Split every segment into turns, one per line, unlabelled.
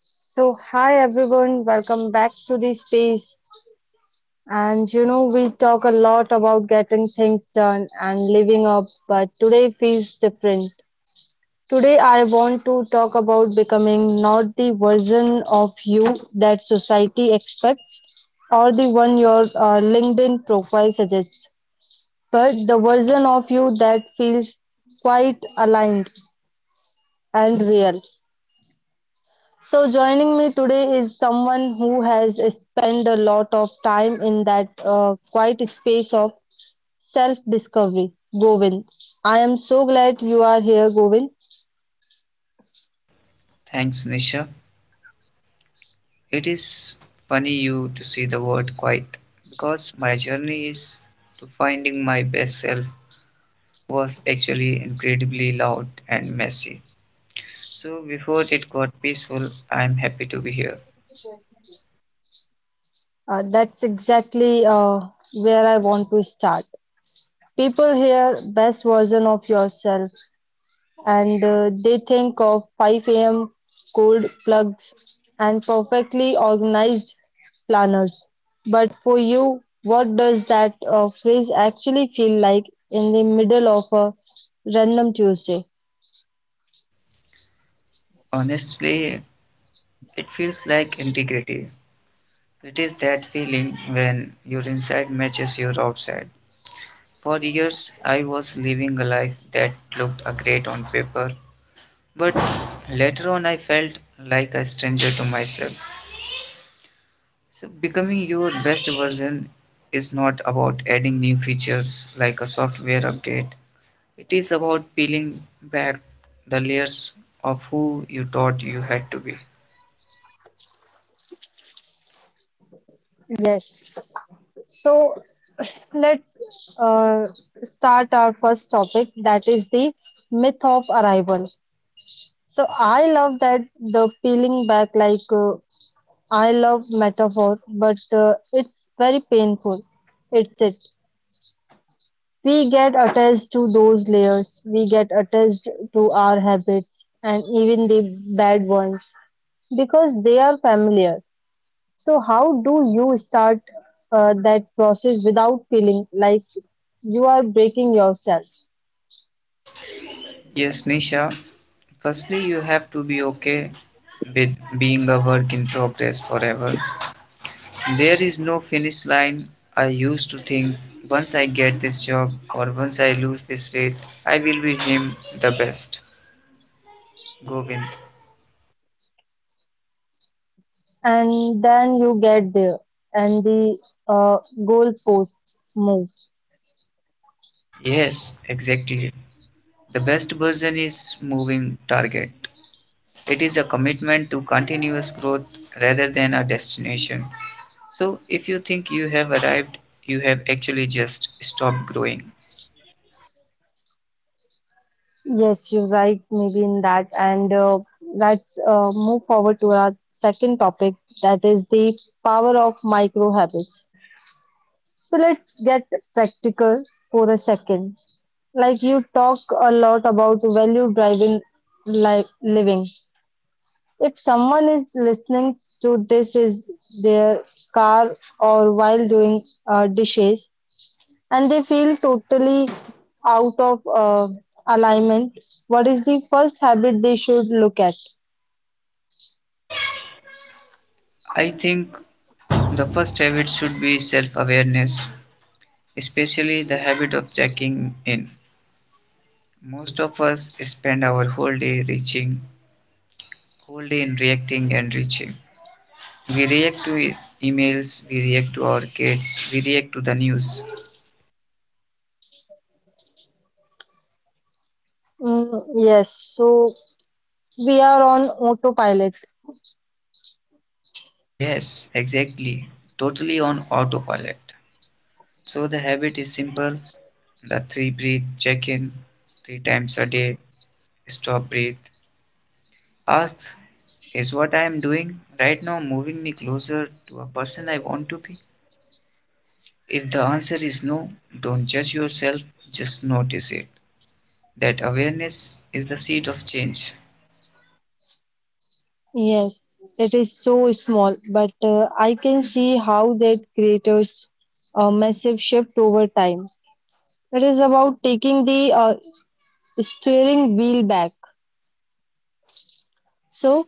So, hi everyone, welcome back to the space. We talk a lot about getting things done and living up, but today feels different. Today, I want to talk about becoming not the version of you that society expects or the one your LinkedIn profile suggests, but the version of you that feels quite aligned and real. So, joining me today is someone who has spent a lot of time in that quiet space of self discovery, Govind. I am so glad you are here, Govind.
Thanks, Nisha. It is funny you to see the word quite because my journey is to finding my best self was actually incredibly loud and messy. So before it got peaceful, I'm happy to be here.
That's exactly where I want to start. People hear best version of yourself and they think of 5 a.m. cold plugs and perfectly organized planners. But for you, what does that phrase actually feel like in the middle of a random Tuesday?
Honestly, it feels like integrity. It is that feeling when your inside matches your outside. For years, I was living a life that looked great on paper, but later on, I felt like a stranger to myself. So, becoming your best version is not about adding new features like a software update. It is about peeling back the layers of who you thought you had to be.
Yes. So let's uh, start our first topic, that is the myth of arrival. So I love that the peeling back, like I love metaphor, but it's very painful. It's it. We get attached to those layers. We get attached to our habits and even the bad ones because they are familiar. So how do you start that process without feeling like you are breaking yourself?
Yes, Nisha, firstly, you have to be okay with being a work in progress forever. There is no finish line. I used to think once I get this job or once I lose this weight, I will be him the best. Govind.
And then you get there, and the goalposts move.
Yes, exactly. The best version is moving target. It is a commitment to continuous growth rather than a destination. So, if you think you have arrived, you have actually just stopped growing.
Yes, you're right, maybe in that. And let's move forward to our second topic, that is the power of micro habits. So let's get practical for a second. Like, you talk a lot about value driving living. If someone is listening to this is their car or while doing dishes, and they feel totally out of alignment, what is the first habit they should look at?
I think the first habit should be self awareness, especially the habit of checking in. Most of us spend our whole day reaching, whole day in reacting and reaching. We react to emails, we react to our kids, we react to the news.
Mm, yes, so we are on autopilot.
Yes, exactly. Totally on autopilot. So the habit is simple. The three breath check in three times a day. Stop breath. Ask, is what I am doing right now moving me closer to a person I want to be? If the answer is no, don't judge yourself, just notice it. That awareness is the seed of change.
Yes, it is so small, but I can see how that creates a massive shift over time. It is about taking the steering wheel back. So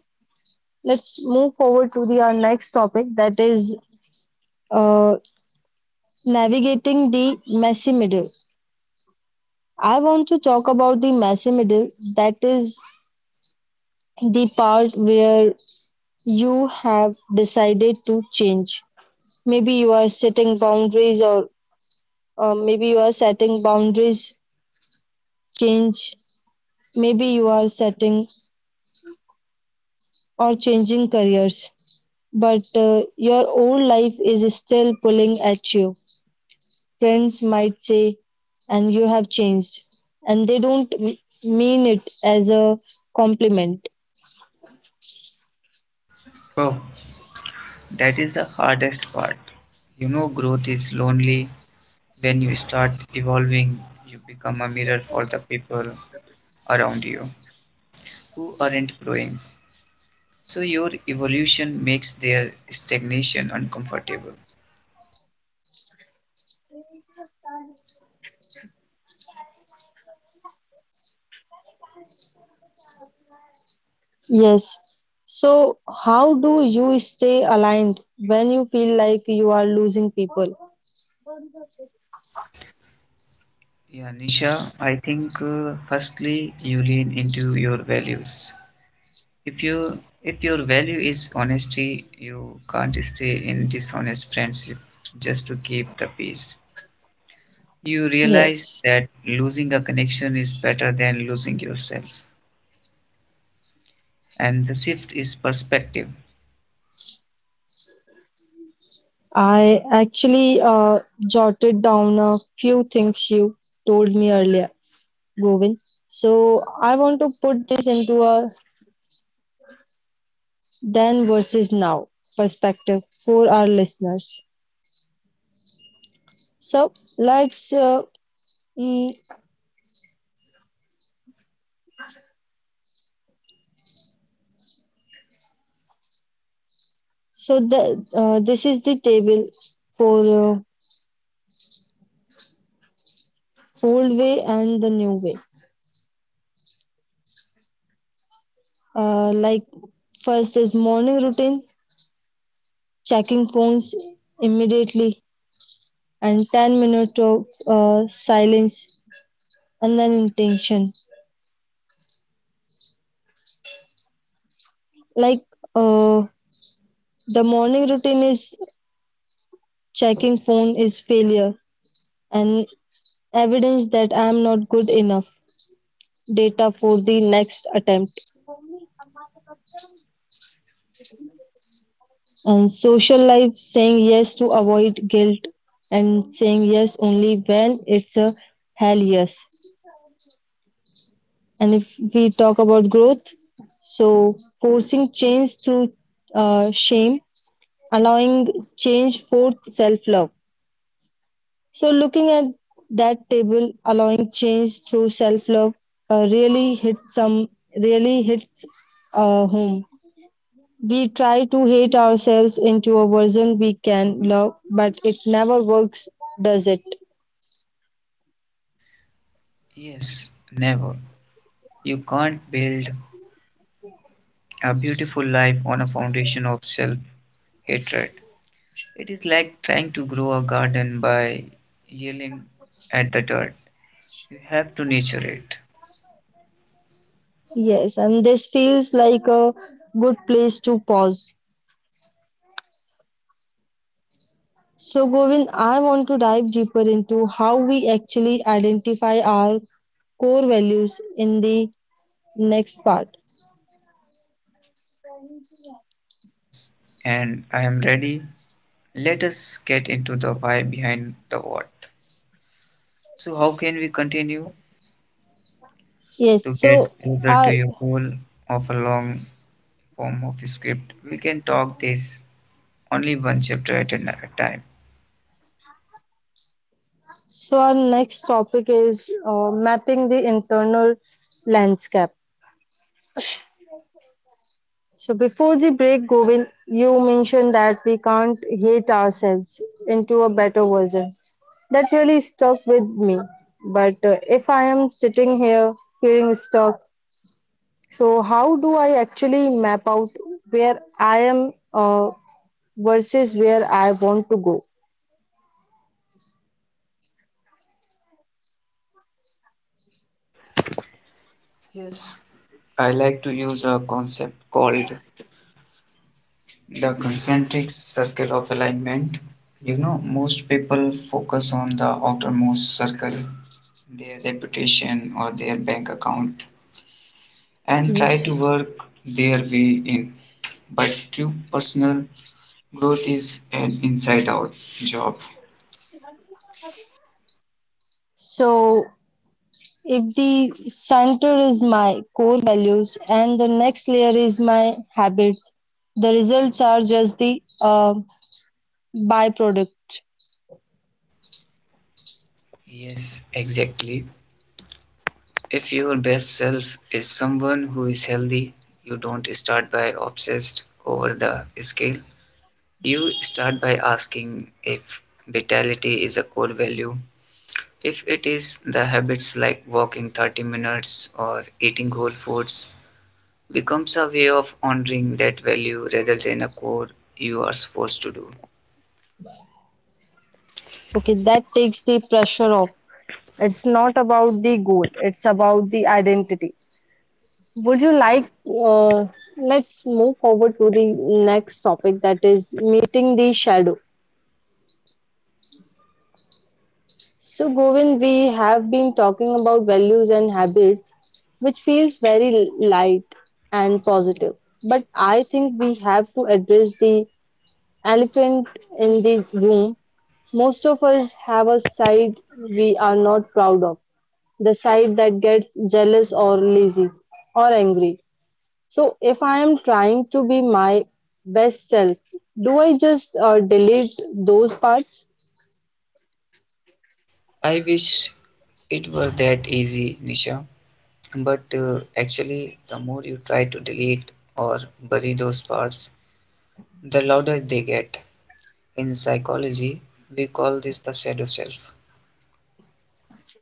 let's move forward to the our next topic, that is uh, navigating the messy middle. I want to talk about the messy middle. That is the part where you have decided to change. Maybe you are setting boundaries, or maybe you are setting boundaries, change. Maybe you are setting or changing careers, but your old life is still pulling at you. Friends might say, "And you have changed," and they don't mean it as a compliment.
Bro, that is the hardest part. You know, growth is lonely. When you start evolving, you become a mirror for the people around you who aren't growing. So your evolution makes their stagnation uncomfortable.
Yes. So, how do you stay aligned when you feel like you are losing people?
Yeah, Nisha, I think firstly you lean into your values. If your value is honesty, you can't stay in dishonest friendship just to keep the peace. You realize
Yes.
that losing a connection is better than losing yourself. And the shift is perspective.
I actually jotted down a few things you told me earlier, Govind. So, I want to put this into a then versus now perspective for our listeners. So, let's. Uh, mm, so, this is the table for old way and the new way. Like, first is morning routine, checking phones immediately, and 10 minutes of silence, and then intention. Like uh, the morning routine is checking phone is failure and evidence that I am not good enough. Data for the next attempt. And social life, saying yes to avoid guilt, and saying yes only when it's a hell yes. And if we talk about growth, so forcing change through shame, allowing change for self love. So, looking at that table, allowing change through self love uh, really hits some really hits home. We try to hate ourselves into a version we can love, but it never works, does it?
Yes, never. You can't build a beautiful life on a foundation of self hatred. It is like trying to grow a garden by yelling at the dirt. You have to nurture it.
Yes, and this feels like a good place to pause. So, Govind, I want to dive deeper into how we actually identify our core values in the next part.
Yes, and I am ready. Let us get into the why behind the what. So, how can we continue
Yes,
to get
so
closer to
our
your goal of a long form of script? We can talk this only one chapter at a time.
so our next topic is mapping the internal landscape. So before the break, Govind, you mentioned that we can't hate ourselves into a better version. That really stuck with me. But if I am sitting here feeling stuck, so how do I actually map out where I am versus where I want to go?
Yes, I like to use a concept called the concentric circle of alignment. You know, most people focus on the outermost circle, their reputation or their bank account, and try to
Yes.
work their way in. But true personal growth is an inside out job.
So, if the center is my core values and the next layer is my habits, the results are just the byproduct.
Yes, exactly. If your best self is someone who is healthy, you don't start by obsessed over the scale. You start by asking if vitality is a core value. If it is, the habits like walking 30 minutes or eating whole foods becomes a way of honoring that value rather than a core you are supposed to do.
Okay, that takes the pressure off. It's not about the goal, it's about the identity. Would you like, uh, let's move forward to the next topic, that is meeting the shadow. So, Govind, we have been talking about values and habits, which feels very light and positive. But I think we have to address the elephant in the room. Most of us have a side we are not proud of, the side that gets jealous or lazy or angry. So if I am trying to be my best self, do I just delete those parts?
I wish it were that easy, Nisha. But actually, the more you try to delete or bury those parts, the louder they get. In psychology, we call this the shadow self.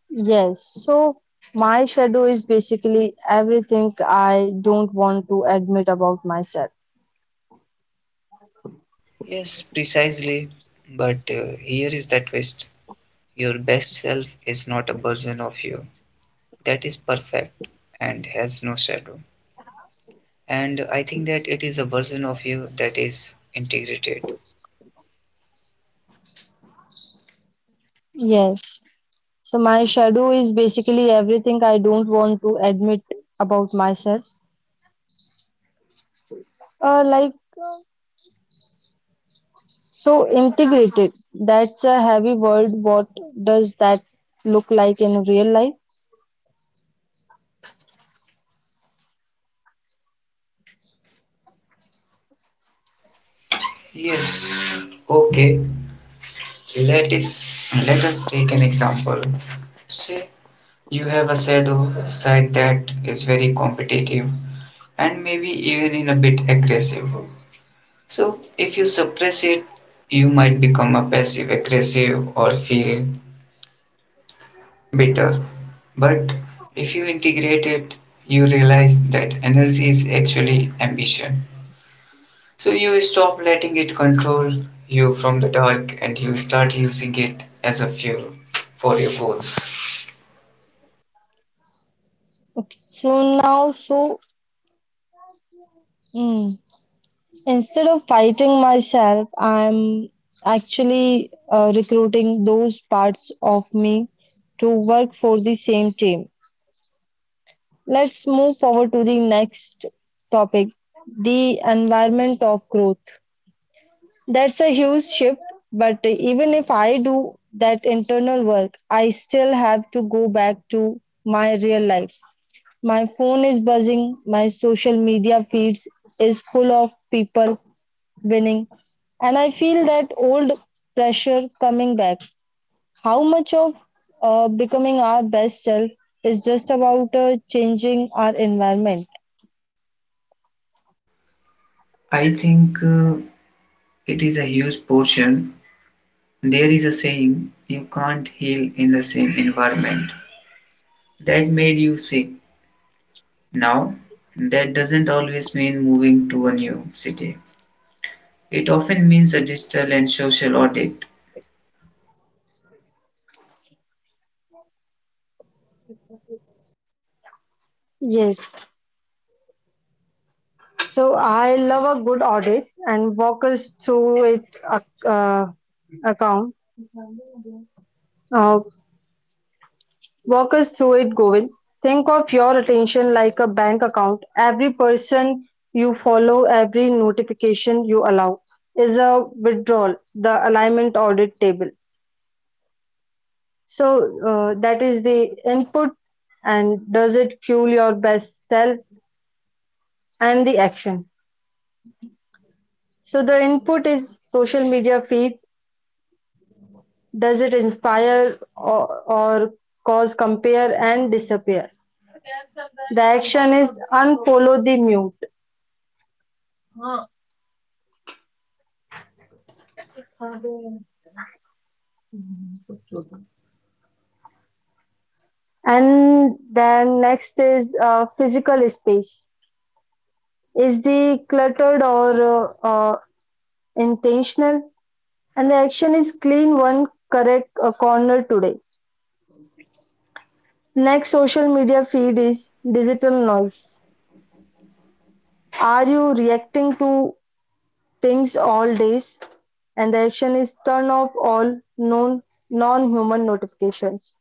Yes, so my shadow is basically everything I don't want to admit about myself.
Yes, precisely. But here is the twist. Your best self is not a version of you that is perfect and has no shadow. And I think that it is a version of you that is integrated.
Yes, so my shadow is basically everything I don't want to admit about myself. Uh, like, so integrated, that's a heavy word. What does that look like in real life?
Yes. Okay. Let us take an example. Say you have a shadow side that is very competitive and maybe even in a bit aggressive. So, if you suppress it, you might become a passive aggressive or feel bitter. But if you integrate it, you realize that energy is actually ambition. So, you stop letting it control you from the dark and you start using it as a fuel for your goals.
Okay, so now, so instead of fighting myself, I'm actually recruiting those parts of me to work for the same team. Let's move forward to the next topic, the environment of growth. That's a huge shift, but even if I do that internal work, I still have to go back to my real life. My phone is buzzing, my social media feeds is full of people winning. And I feel that old pressure coming back. How much of becoming our best self is just about changing our environment?
I think it is a huge portion. There is a saying, you can't heal in the same environment that made you sick. Now, that doesn't always mean moving to a new city. It often means a digital and social audit.
Yes. So I love a good audit, and walk us through it ac- uh, account. Uh, Walk us through it, Govind. Think of your attention like a bank account. Every person you follow, every notification you allow is a withdrawal, the alignment audit table. So that is the input, and does it fuel your best self and the action? So the input is social media feed. Does it inspire, or cause compare and disappear? The action is unfollow the mute. And then next is physical space. Is the cluttered or intentional? And the action is clean one correct corner today. Next social media feed is digital noise. Are you reacting to pings all days? And the action is turn off all known non-human notifications.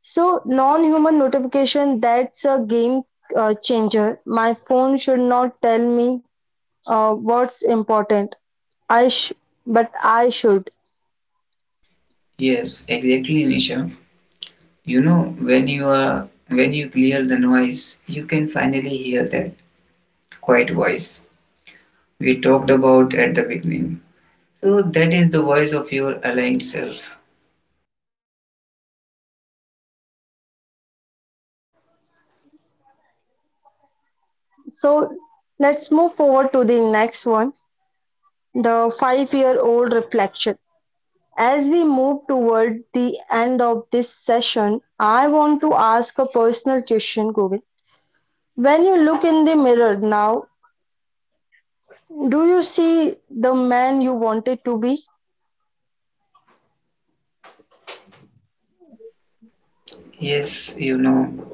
So non-human notification, that's a game changer. My phone should not tell me what's important. I sh- but I should.
Yes, exactly, Nisha. You know, when you are when you clear the noise, you can finally hear that quiet voice we talked about at the beginning. So that is the voice of your aligned self.
So let's move forward to the next one, the five-year-old reflection. As we move toward the end of this session, I want to ask a personal question, Govind. When you look in the mirror now, do you see the man you wanted to be?
Yes, you know,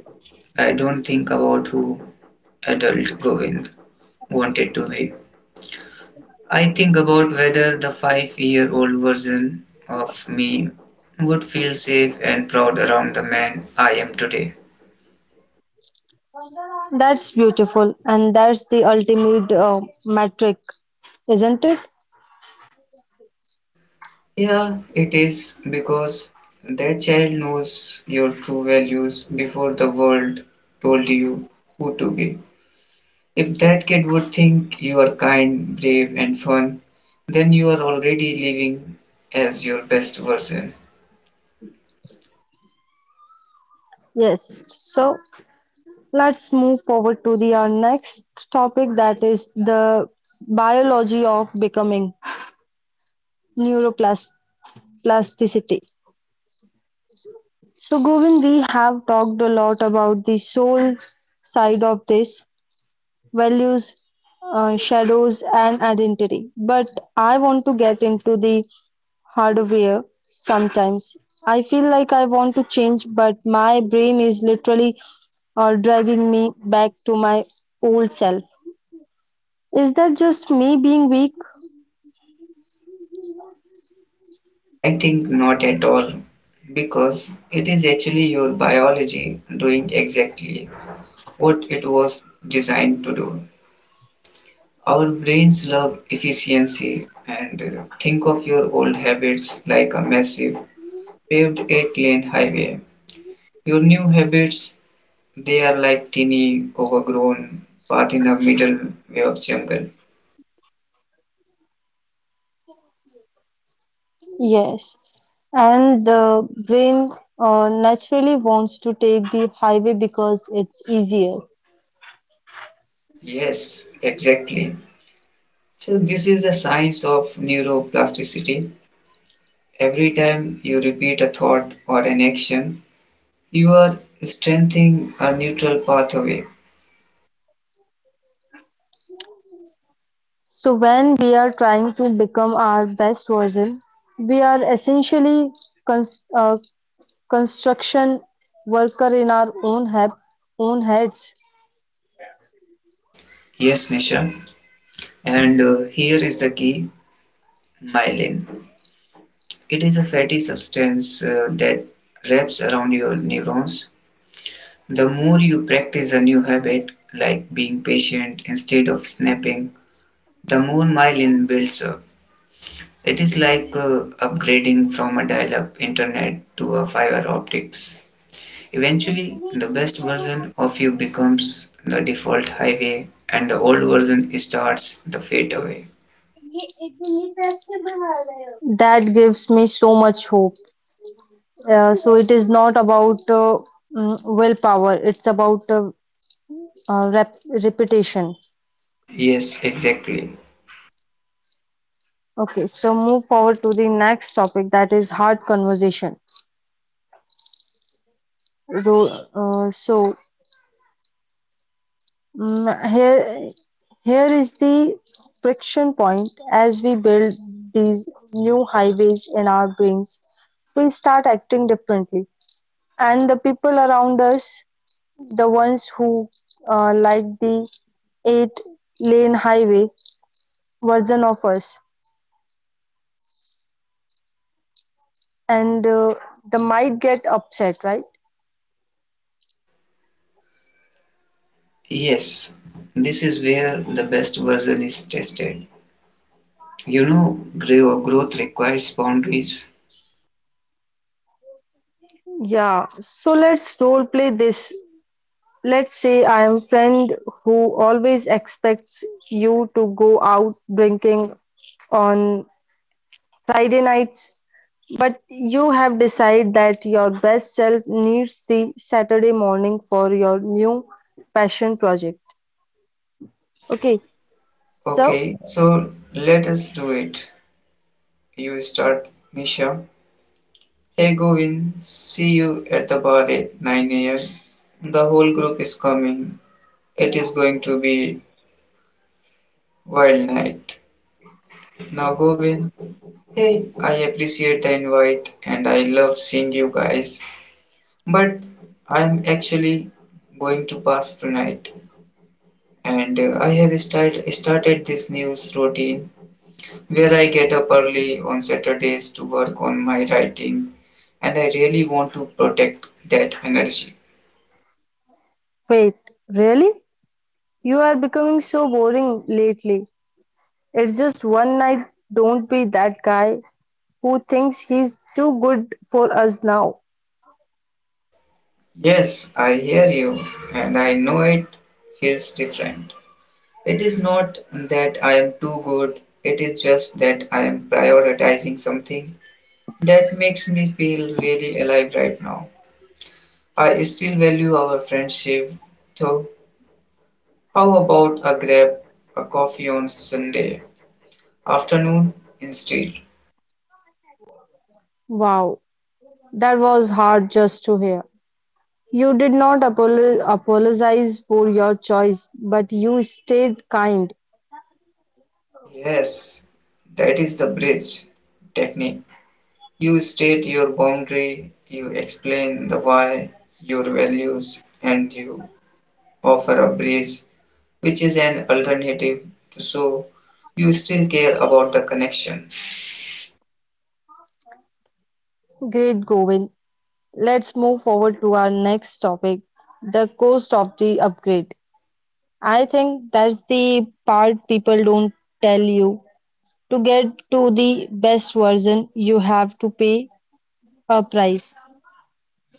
I don't think about who adult Govind wanted to be. I think about whether the 5-year old version of me would feel safe and proud around the man I am today.
That's beautiful, and that's the ultimate metric, isn't it?
Yeah, it is because that child knows your true values before the world told you who to be. If that kid would think you are kind, brave, and fun, then you are already living as your best version.
Yes. So let's move forward to the our next topic, that is the biology of becoming, neuroplasticity. So, Govind, we have talked a lot about the soul side of this, values, shadows, and identity. But I want to get into the hardware. Sometimes I feel like I want to change, but my brain is literally driving me back to my old self. Is that just me being weak?
I think not at all, because it is actually your biology doing exactly what it was designed to do. Our brains love efficiency, and think of your old habits like a massive paved eight-lane highway. Your new habits, they are like tiny, overgrown path in the middle way of jungle.
Yes. And the brain naturally wants to take the highway because it's easier.
Yes, exactly. So, this is the science of neuroplasticity. Every time you repeat a thought or an action, you are strengthening a neutral pathway.
So when we are trying to become our best version, we are essentially cons- uh, construction worker in our own heads.
Yes, Nisha. And here is the key myelin. It is a fatty substance that wraps around your neurons. The more you practice a new habit, like being patient instead of snapping, the more myelin builds up. It is like upgrading from a dial up internet to a fiber optics. Eventually, the best version of you becomes the default highway and the old version starts the fadeaway.
That gives me so much hope. So it is not about willpower; it's about uh, rep- repetition.
Yes, exactly.
Okay, so move forward to the next topic, that is hard conversation. Ro- uh, so Mm, here, Here is the friction point. As we build these new highways in our brains, we start acting differently, and the people around us, the ones who like the eight-lane highway version of us, and they might get upset, right?
Yes, this is where the best version is tested. You know, growth requires boundaries.
Yeah, so let's role play this. Let's say I am friend who always expects you to go out drinking on Friday nights, but you have decided that your best self needs the Saturday morning for your new passion project. Okay, so
Okay, so let us do it. You start, Misha. Hey, Govin, see you at the bar at 9 am. The whole group is coming. It is going to be wild night. Now Govind, hey, I appreciate the invite and I love seeing you guys. But I'm actually going to pass tonight and I have started this news routine where I get up early on Saturdays to work on my writing and I really want to protect that energy.
wait, really? You are becoming so boring lately. It's just one night. Don't be that guy who thinks he's too good for us now.
Yes, I hear you and I know it feels different. It is not that I am too good, it is just that I am prioritizing something that makes me feel really alive right now. I still value our friendship, though. How about a coffee on Sunday afternoon instead?
Wow, that was hard just to hear. You did not apologize for your choice, but you stayed kind.
Yes, that is the bridge technique. You state your boundary, you explain the why, your values, and you offer a bridge which is an alternative to so you still care about the connection.
Great, Govind. Let's move forward to our next topic, the cost of the upgrade. I think that's the part people don't tell you. To get to the best version, you have to pay a price.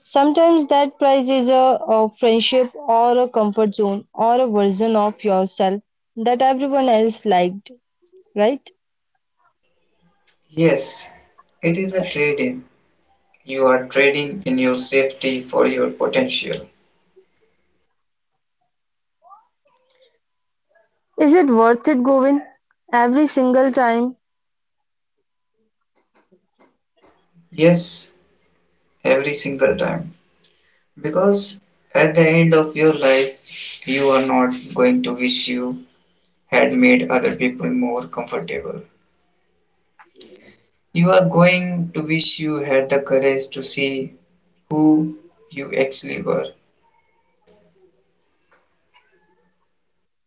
Sometimes that price is a friendship or a comfort zone or a version of yourself that everyone else liked, right?
Yes, it is a trade in. You are trading in your safety for your potential.
Is it worth it, Govind? Every single time?
Yes, every single time. Because at the end of your life, you are not going to wish you had made other people more comfortable. You are going to wish you had the courage to see who you actually were.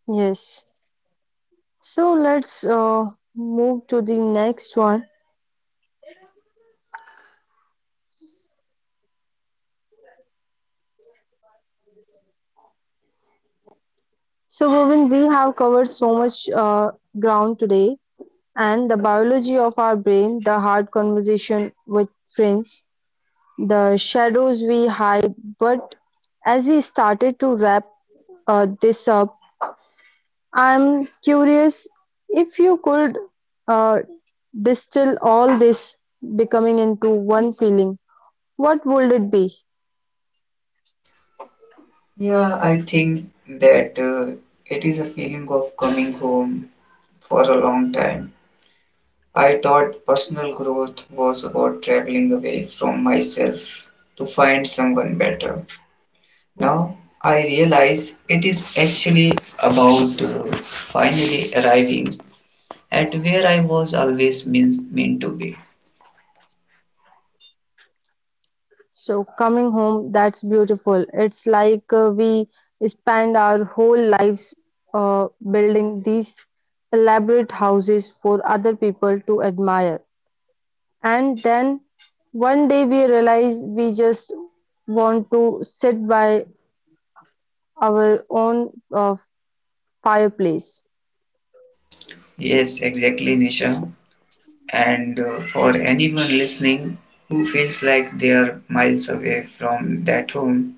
Yes. So let's move to the next one. So, Govind, we have covered so much ground today, and the biology of our brain, the hard conversation with friends, the shadows we hide. But as we started to wrap this up, I'm curious, if you could uh, distill all this becoming into one feeling, what would it be?
Yeah, I think that it is a feeling of coming home for a long time. I thought personal growth was about traveling away from myself to find someone better. Now I realize it is actually about finally arriving at where I was always meant to be.
So coming home, that's beautiful. It's like we spend our whole lives building these elaborate houses for other people to admire. And then one day we realize we just want to sit by our own fireplace.
Yes, exactly, Nisha. And for anyone listening who feels like they are miles away from that home,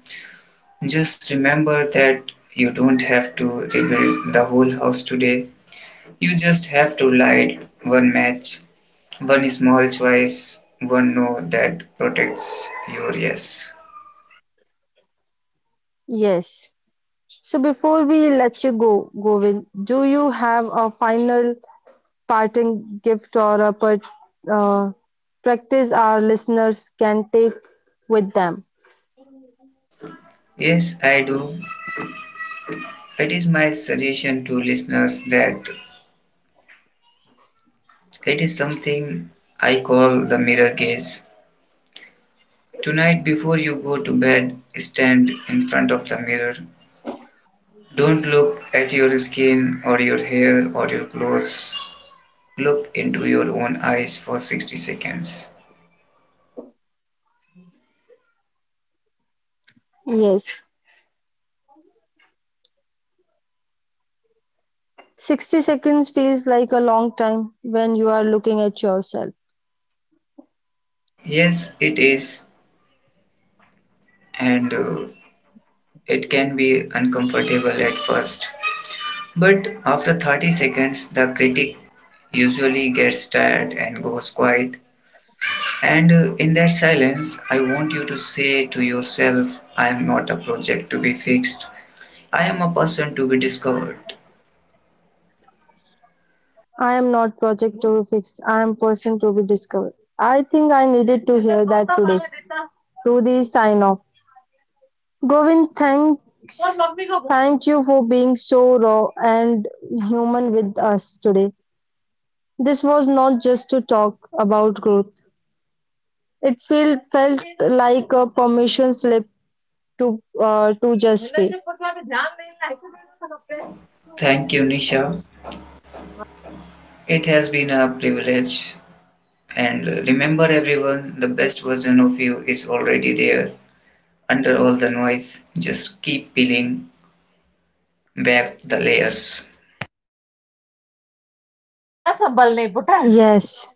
just remember that you don't have to rebuild the whole house today. You just have to light one match, one small choice, one no that protects your yes.
Yes. So before we let you go, Govind, do you have a final parting gift or a uh, practice our listeners can take with them?
Yes, I do. It is my suggestion to listeners that it is something I call the mirror gaze. Tonight, before you go to bed, stand in front of the mirror. Don't look at your skin or your hair or your clothes. Look into your own eyes for 60 seconds.
Yes. 60 seconds feels like a long time when you are looking at yourself.
Yes, it is, and it can be uncomfortable at first. But after 30 seconds, the critic usually gets tired and goes quiet. And in that silence, I want you to say to yourself, I am not a project to be fixed, I am a person to be discovered.
I am not project to be fixed. I am person to be discovered. I think I needed to hear that today. To the sign off. Govind, thanks. Thank you for being so raw and human with us today. This was not just to talk about growth. It felt like a permission slip to just be.
Thank you, Nisha. It has been a privilege. And remember everyone, the best version of you is already there. Under all the noise, just keep peeling back the layers.
Yes.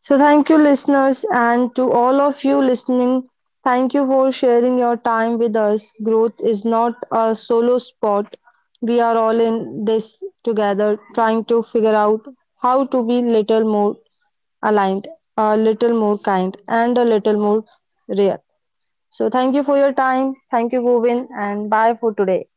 So thank you, listeners, and to all of you listening. Thank you for sharing your time with us. Growth is not a solo sport. We are all in this together, trying to figure out how to be little more aligned, a little more kind, and a little more real. So thank you for your time. Thank you, Govind, and bye for today.